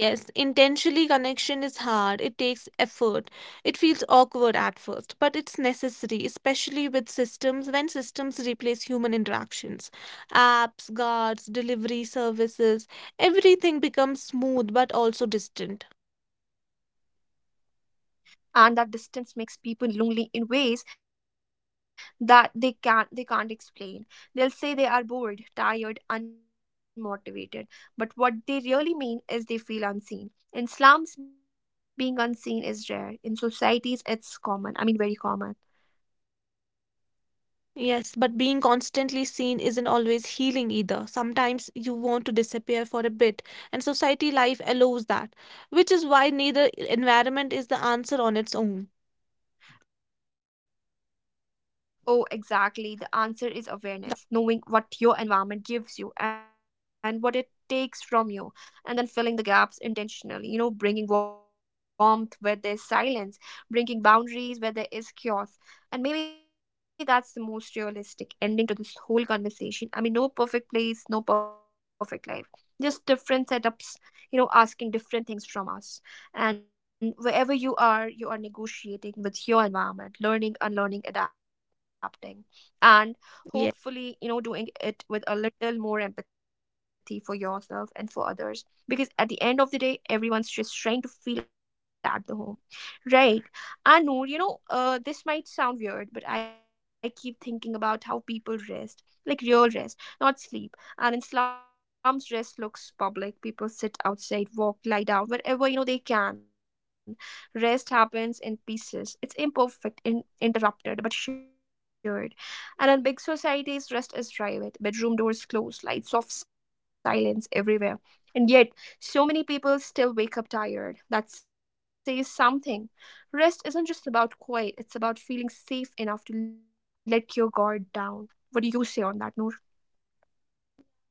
B: Yes, intentionally connection is hard. It takes effort. It feels awkward at first, but it's necessary, especially with systems when systems replace human interactions. Apps, guards, delivery services, everything becomes smooth but also distant.
A: And that distance makes people lonely in ways that they can't explain. They'll say they are bored, tired, unmotivated, but what they really mean is they feel unseen. In slums being unseen is rare, in societies it's common. I mean very common.
B: Yes, but being constantly seen isn't always healing either. Sometimes you want to disappear for a bit, and society life allows that, which is why neither environment is the answer on its own.
A: Oh, exactly. The answer is
B: Tha-
A: awareness, knowing what your environment gives you and what it takes from you, and then filling the gaps intentionally. You know, bringing warmth where there's silence, bringing boundaries where there is chaos. And maybe that's the most realistic ending to this whole conversation. I mean, no perfect place, no perfect life, just different setups, you know, asking different things from us. And wherever you are negotiating with your environment, learning, unlearning, adapting, and
B: yes.
A: hopefully, you know, doing it with a little more empathy for yourself and for others. Because at the end of the day, everyone's just trying to feel at the home, right? And Noor, you know, this might sound weird, but I keep thinking about how people rest, like real rest, not sleep. And in slums rest looks public. People sit outside, walk, lie down wherever, you know, they can. Rest happens in pieces, it's imperfect in interrupted but shared. And in big societies rest is private, bedroom doors closed, lights off, silence everywhere. And yet so many people still wake up tired. That says something. Rest isn't just about quiet, it's about feeling safe enough to let your guard down. What do you say on that, Noor?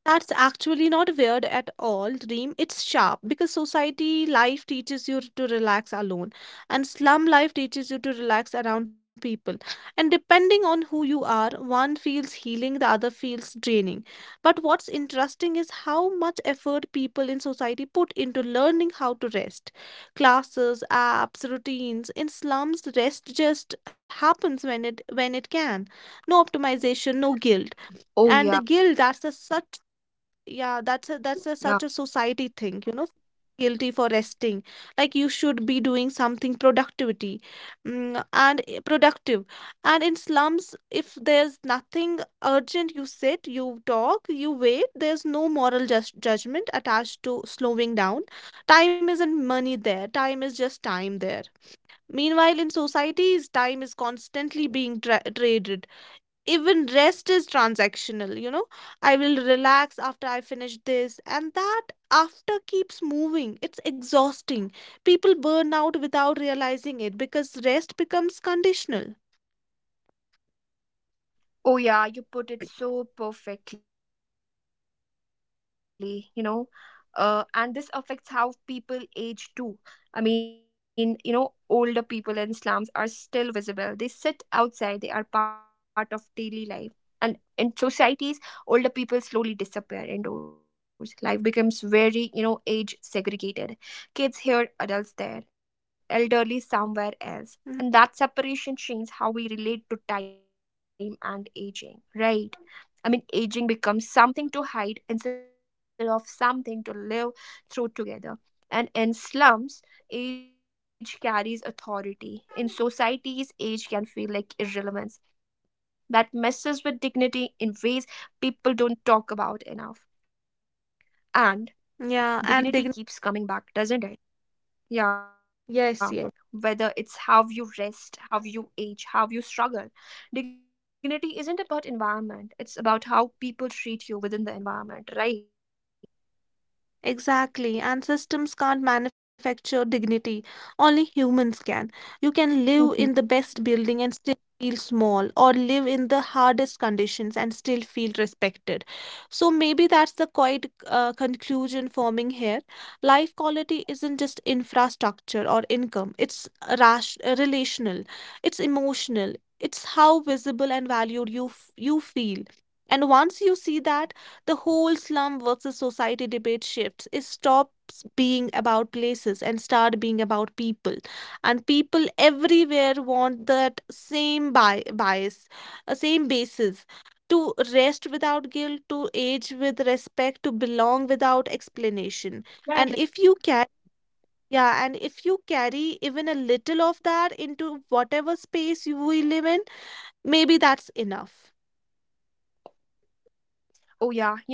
B: That's actually not weird at all, Dream. It's sharp because society life teaches you to relax alone, and slum life teaches you to relax around people. And depending on who you are, one feels healing, the other feels draining. But what's interesting is how much effort people in society put into learning how to rest. Classes, apps, routines. In slums, rest just happens when it can. No optimization, no guilt and guilt that's a, such
A: oh yeah
B: yeah, that's a
A: yeah
B: such a society thing, you know, guilty for resting. Like you should be doing something productivity, productive. And in slums, if there's nothing urgent, you sit, you talk, you wait. There's no moral jus judgment attached to slowing down. Time isn't money there. Time is just time there. Meanwhile, in societies, time is constantly being traded, even rest is transactional, you know. I will relax after I finish this and that after keeps moving, it's exhausting. People burn out without realizing it because rest becomes conditional.
A: Oh, yeah, you put it so perfectly, you know. And this affects how people age too. I mean, you know, older people in slums are still visible. They sit outside, they are part of daily life. And in societies, older people slowly disappear indoors. Life becomes very, you know, age segregated. Kids here, adults there, elderly somewhere else.
B: Mhm.
A: And that separation changes how we relate to time and aging, right? I mean, aging becomes something to hide instead of something to live through together. And in slums, age carries authority. In societies, age can feel like irrelevance that messes with dignity in ways people don't talk about enough. And
B: Yeah, and
A: dignity keeps coming back, doesn't it? Yeah,
B: yes, yes.
A: whether it's how you rest, how you age, how you struggle. Dignity isn't about environment, it's about how people treat you within the environment, right?
B: Exactly, and systems can't manufacture dignity. Only humans can. You can live in the
A: Mhm.
B: best building and still feel small, or live in the hardest conditions and still feel respected. So maybe that's the quiet conclusion forming here. Life quality isn't just infrastructure or income, it's relational, it's emotional, it's how visible and valued you feel. And once you see that, the whole slum versus society debate shifts. It stops being about places and start being about people. And people everywhere want that same same basis to rest without guilt, to age with respect, to belong without explanation. And if you carry even a little of that into whatever space you we live in, maybe that's enough.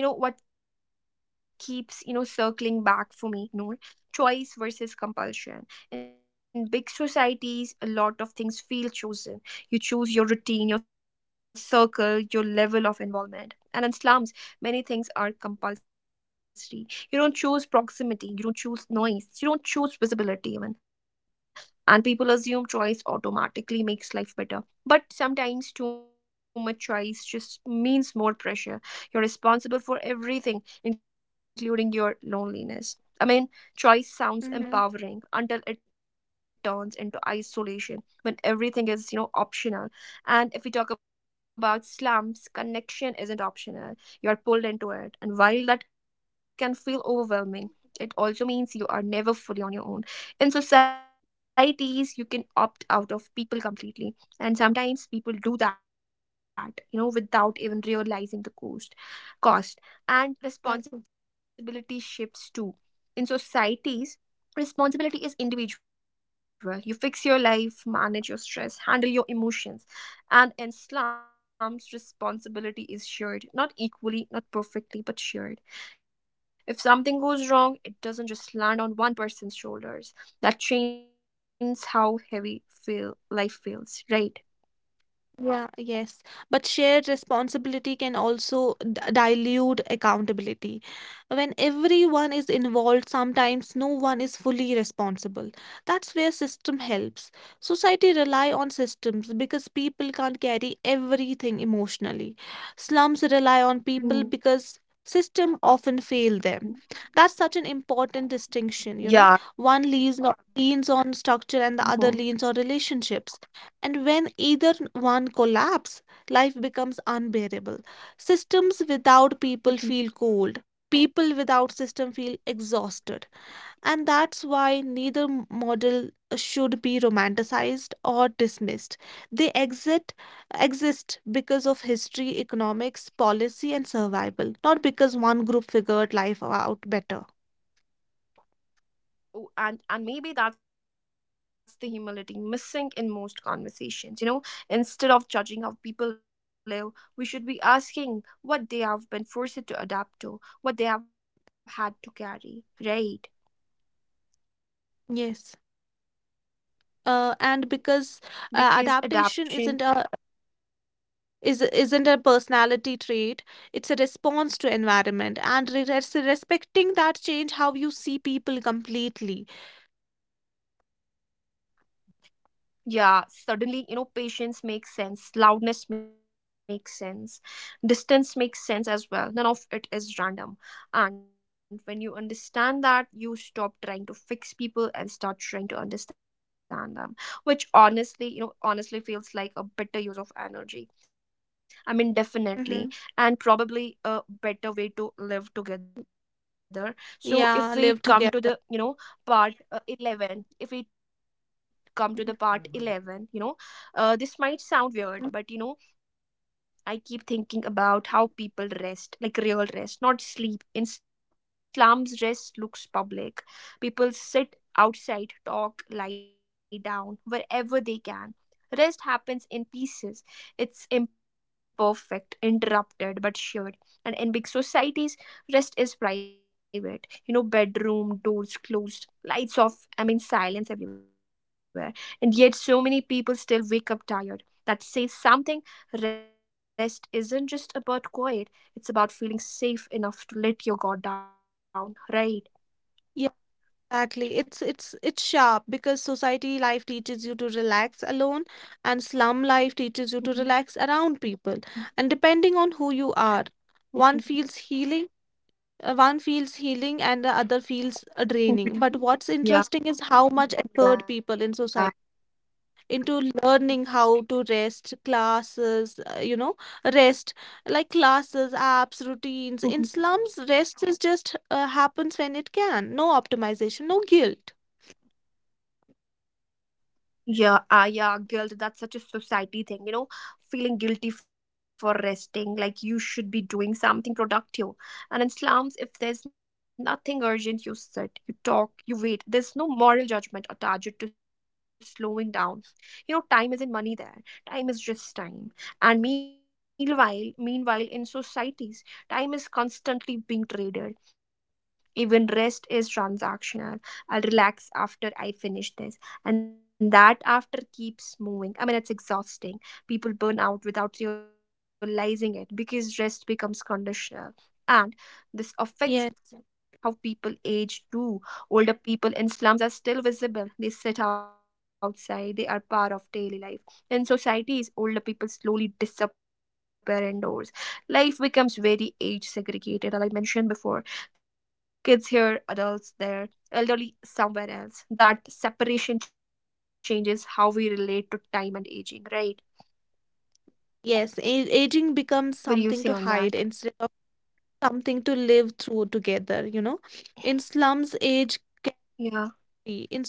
A: Oh yeah, you know what keeps, you know, circling back for me, Noor? Choice versus compulsion. In big societies, a lot of things feel chosen. You choose your routine, your circle, your level of involvement. And in slums, many things are compulsory. You don't choose proximity, you don't choose noise, you don't choose visibility even. And people assume choice automatically makes life better. But sometimes too much choice just means more pressure, you're responsible for everything, including your loneliness. I mean, choice
B: Mm-hmm.
A: sounds empowering until it turns into isolation when everything is, you know, optional. And if we talk about slumps, connection isn't optional. You're pulled into it. And while that can feel overwhelming, it also means you are never fully on your own. In societies, you can opt out of people completely. And sometimes people do that, you know, without even realizing the cost and
B: Exactly.
A: responsibility shifts too. In societies, responsibility is individual. You fix your life, manage your stress, handle your emotions. And in slums, responsibility is shared, not equally, not perfectly, but shared. If something goes wrong, it doesn't just land on one person's shoulders. That changes how heavy feel life feels, right?
B: Yeah, yes. But shared responsibility can also dilute accountability. When everyone is involved, sometimes no one is fully responsible. That's where system helps. Society rely on systems because people can't carry everything emotionally. Slums rely on people because system often fail them.
A: Mm.
B: That's such an important distinction, you know.
A: Yeah.
B: One leans on structure and the other
A: Mhm.
B: leans on relationships, and when either one collapses, life becomes unbearable. Systems without people feel cold.
A: Mhm.
B: People without system feel exhausted. And that's why neither model should be romanticized or dismissed. They exit exist because of history, economics, policy, and survival, not because one group figured life out better.
A: Oh, and maybe that's the humility missing in most conversations. You know, instead of judging how people live, we should be asking what they have been forced to adapt to, what they have had to carry, right?
B: Yes. And because adaptation
A: Because adaptation.
B: isn't a personality trait, it's a response to environment, and respecting that change how you see people completely.
A: Yeah, suddenly, you know, patience makes sense, loudness makes sense, distance makes sense as well. None of it is random. And when you understand that, you stop trying to fix people and start trying to understand them, which honestly, you know, honestly feels like a better use of energy. I mean,
B: Hmm.
A: definitely, and probably a better way to live together. So
B: Yeah,
A: if we
B: live together.
A: come to the, you know, part 11, if we come to the part 11, you know, this might sound weird, but you know, I keep thinking about how people rest, like real rest, not sleep. In slums rest looks public, people sit outside, talk, lie down wherever they can. Rest happens in pieces, it's imperfect, interrupted but shared. And in big societies rest is private, you know, bedroom doors closed, lights off, I mean silence everywhere. And yet, so many people still wake up tired. That says something. Rest isn't just about quiet, it's about feeling safe enough to let your guard down, right?
B: Yeah, exactly. It's sharp because society life teaches you to relax alone, and slum life teaches you to relax around people.
A: Mhm,
B: And depending on who you are, one feels
A: mhm,
B: healing, one feels healing, and the other feels draining. But what's
A: mhm.
B: interesting is
A: Yeah,
B: how much effort people in
A: yeah.
B: society into learning how to rest, classes, rest, like classes, apps, routines. In slums,
A: Mm-hmm.
B: rest is just happens when it can. No optimization, no guilt.
A: Yeah, ah, yeah, guilt. That's such a society thing, you know, feeling guilty for resting, like you should be doing something productive. And in slums, if there's nothing urgent, you sit, you talk, you wait. There's no moral judgment attached to slowing down. You know, time isn't money there. Time is just time. And meanwhile, in societies, time is constantly being traded. Even rest is transactional. I'll relax after I finish this and that after keeps moving. I mean, it's exhausting. People burn out without realizing it because rest becomes conditional. And this
B: Yes.
A: affects how people age too. Older people in slums are still visible. They sit outside, they are part of daily life. In societies, older people slowly disappear indoors. Life becomes very age segregated, as I mentioned before. Kids here, adults there, elderly somewhere else. That separation changes how we relate to time and aging, right?
B: Yes, aging becomes
A: What do you
B: something
A: say
B: to
A: on
B: hide
A: that?
B: instead of something to live through together, you know. In slums, age,
A: Yeah.
B: free. In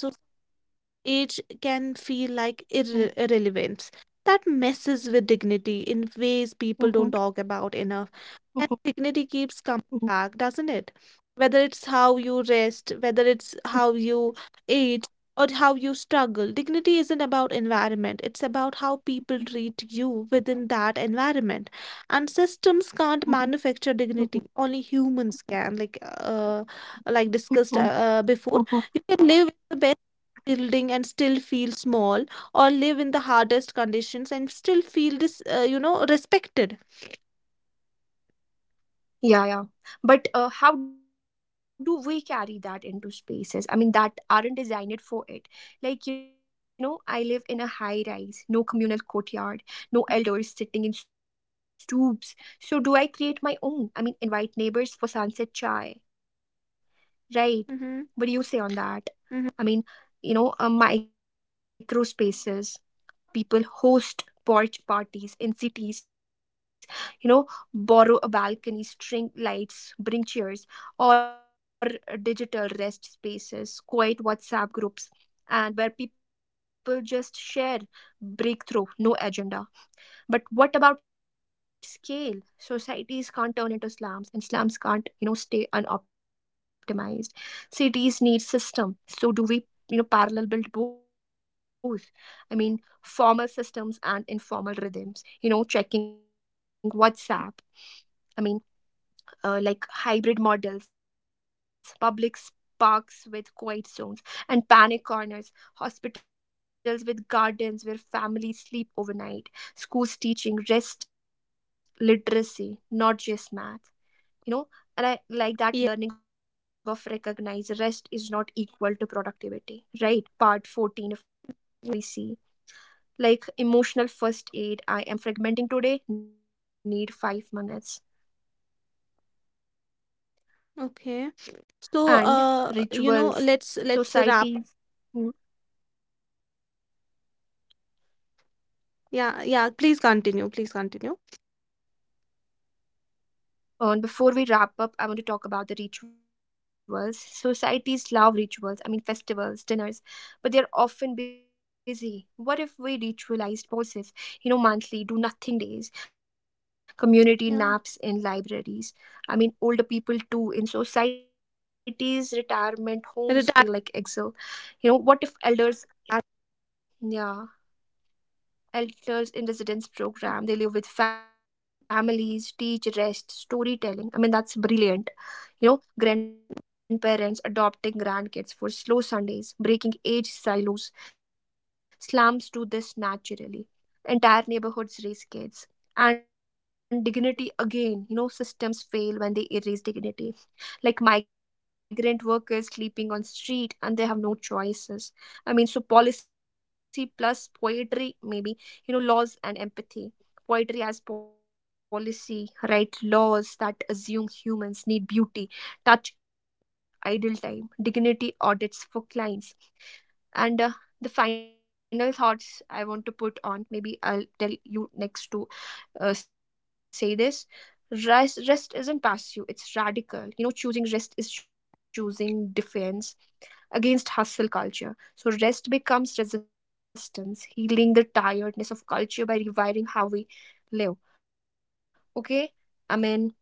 B: Age can feel like
A: Mm-hmm.
B: irrelevance. That messes with dignity in ways people
A: Mm-hmm.
B: don't talk about enough. And dignity keeps coming back, doesn't it?
A: Mm-hmm.
B: Whether it's how you rest, whether it's how
A: Mm-hmm.
B: you age, or how you struggle. Dignity isn't about environment, it's about how people treat you within that environment. And systems can't
A: Mm-hmm.
B: manufacture dignity, only humans can, like discussed
A: Mm-hmm.
B: before. You
A: Mm-hmm.
B: can live in the best building and still feel small, or live in the hardest conditions and still feel this you know respected.
A: Yeah, yeah. But how do we carry that into spaces? I mean, that aren't designed for it. Like, you know, I live in a high rise, no communal courtyard, no elders sitting in stoops. So, do I create my own? I mean, invite neighbors for sunset chai, right?
B: Mm-hmm.
A: What do you say on that?
B: Mm-hmm.
A: I mean, you know, micro spaces, people host porch parties in cities, you know, borrow a balcony, string lights, bring chairs, or digital rest spaces, quiet WhatsApp groups, and where people just share breakthrough, no agenda. But what about scale? Societies can't turn into slums, and slums can't, you know, stay unoptimized. Cities need system. So do we, you know, parallel build both? I mean, formal systems and informal rhythms. You know, checking WhatsApp. I mean, like hybrid models, parks with quiet zones and panic corners, hospitals with gardens where families sleep overnight, schools teaching rest literacy, not just math, you know. And I like
B: Yeah,
A: that learning of recognize rest is not equal to productivity, right? Part 14, if we
B: yeah.
A: see like emotional first aid, I am fragmenting today, need 5 minutes,
B: Okay, so
A: and
B: you know, let's
A: rituals
B: let's wrap.
A: societies mm,
B: Yeah, yeah, please continue, please continue.
A: and before we wrap up I want to talk about the rituals. Societies love rituals, I mean festivals, dinners, but they're often busy. What if we ritualized pauses? You know, monthly do nothing days, community
B: Yeah,
A: naps in libraries. I mean older people too, in societies retirement homes
B: retire.
A: feel like exile. You know what if elders, yeah, elders in residence program, they live with families, teach rest, storytelling, I mean that's brilliant. You know, grandparents adopting grandkids for slow Sundays, breaking age silos. Slums do this naturally, entire neighborhoods raise kids. And dignity again, you know, systems fail when they erase dignity, like migrant workers sleeping on street and they have no choices. I mean, so policy plus poetry maybe, you know, laws and empathy. Poetry as policy, write laws that assume humans need beauty, touch, idle time, dignity audits for clients. And the final thoughts I want to put on, maybe I'll tell you next to say this. Rest isn't passive, it's radical. You know, choosing rest is choosing defense against hustle culture. So, rest becomes resistance, healing the tiredness of culture by rewiring how we live. Okay? I mean,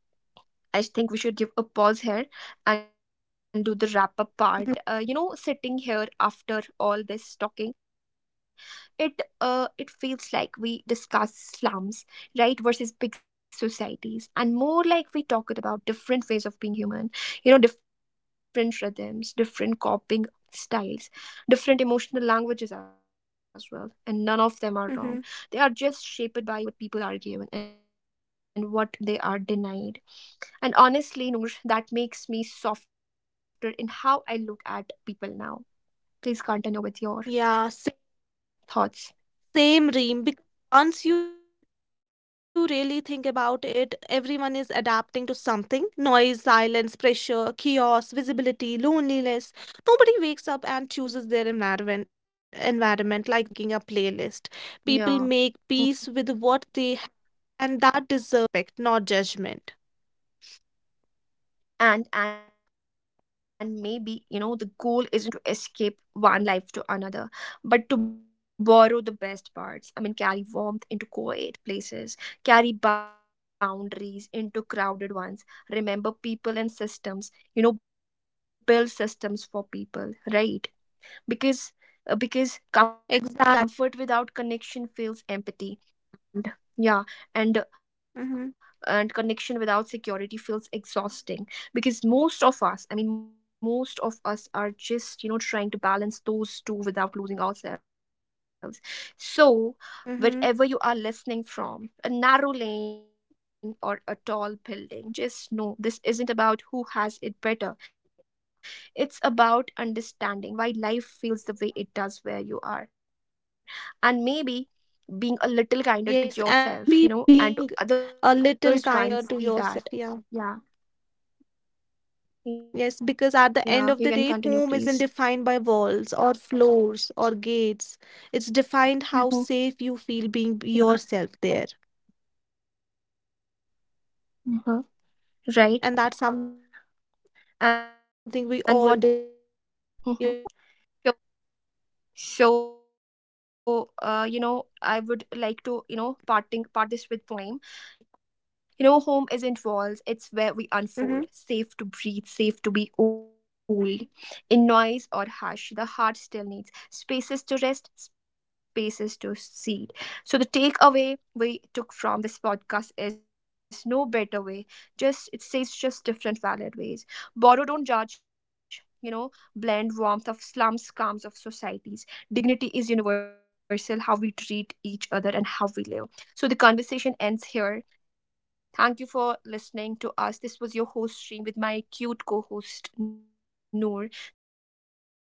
A: I think we should give a pause here and do the
B: Mm-hmm.
A: wrap up part. You know, sitting here after all this talking, it feels like we discuss slums, right, versus big societies, and more like we talked about different ways of being human. You know, different rhythms, different coping styles, different emotional languages as well, and none of them are
B: Mm-hmm.
A: wrong. They are just shaped by what people are given and what they are denied. And honestly, Noor, that makes me softer in how I look at people now. Please continue
B: Yeah,
A: with your thoughts.
B: same, Reem, because once you really think about it, everyone is adapting to something. Noise, silence, pressure, chaos, visibility, loneliness. Nobody wakes up and chooses their environment like they are picking a playlist. People
A: Yeah.
B: make peace
A: Mm.
B: with what they have, and that deserve respect, not judgment.
A: And maybe, you know, the goal isn't to escape one life to another, but to borrow the best parts. I mean, carry warmth into quiet places, carry boundaries into crowded ones, remember people and systems, you know, build systems for people, right? Because because
B: Exactly,
A: comfort
B: exactly.
A: without connection feels empty and- yeah and uh, and
B: Mm-hmm,
A: connection without security feels exhausting, because most of us are just, you know, trying to balance those two without losing ourselves. So wherever you are
B: mm-hmm.
A: listening from, a narrow lane or a tall building, just know this isn't about who has it better. It's about understanding why life feels the way it does where you are, and maybe being a little kinder to
B: Yes, and maybe
A: yourself, you know,
B: being
A: and to
B: a
A: others
B: little
A: once see
B: kinder to
A: that.
B: yourself. Yeah.
A: Yeah.
B: Yes,
A: Yeah.
B: because
A: You
B: at
A: can
B: the end of
A: continue,
B: the day,
A: please.
B: home isn't defined by walls or floors or gates. It's
A: Mm-hmm.
B: defined how safe you feel
A: Yeah.
B: being yourself there.
A: Mm-hmm. Right.
B: And that's something we all
A: And what?
B: deserve. You
A: Mm-hmm.
B: know?
A: So you know, I would like to, you know, parting part this with poem. You know, home isn't walls, it's where we unfold, safe to
B: Mm-hmm.
A: breathe, safe to be old, in noise or hush the heart still needs, spaces to rest, spaces to seed. So the takeaway we took from this podcast is no better way, just it says, just different valid ways. Borrow, don't judge, you know. Blend warmth of slums, calms of societies. Dignity is universal, how we treat each other and how we live. So the conversation ends here. Thank you for listening to us. This was your host stream with my cute co-host Noor. Thank you. Bye-bye.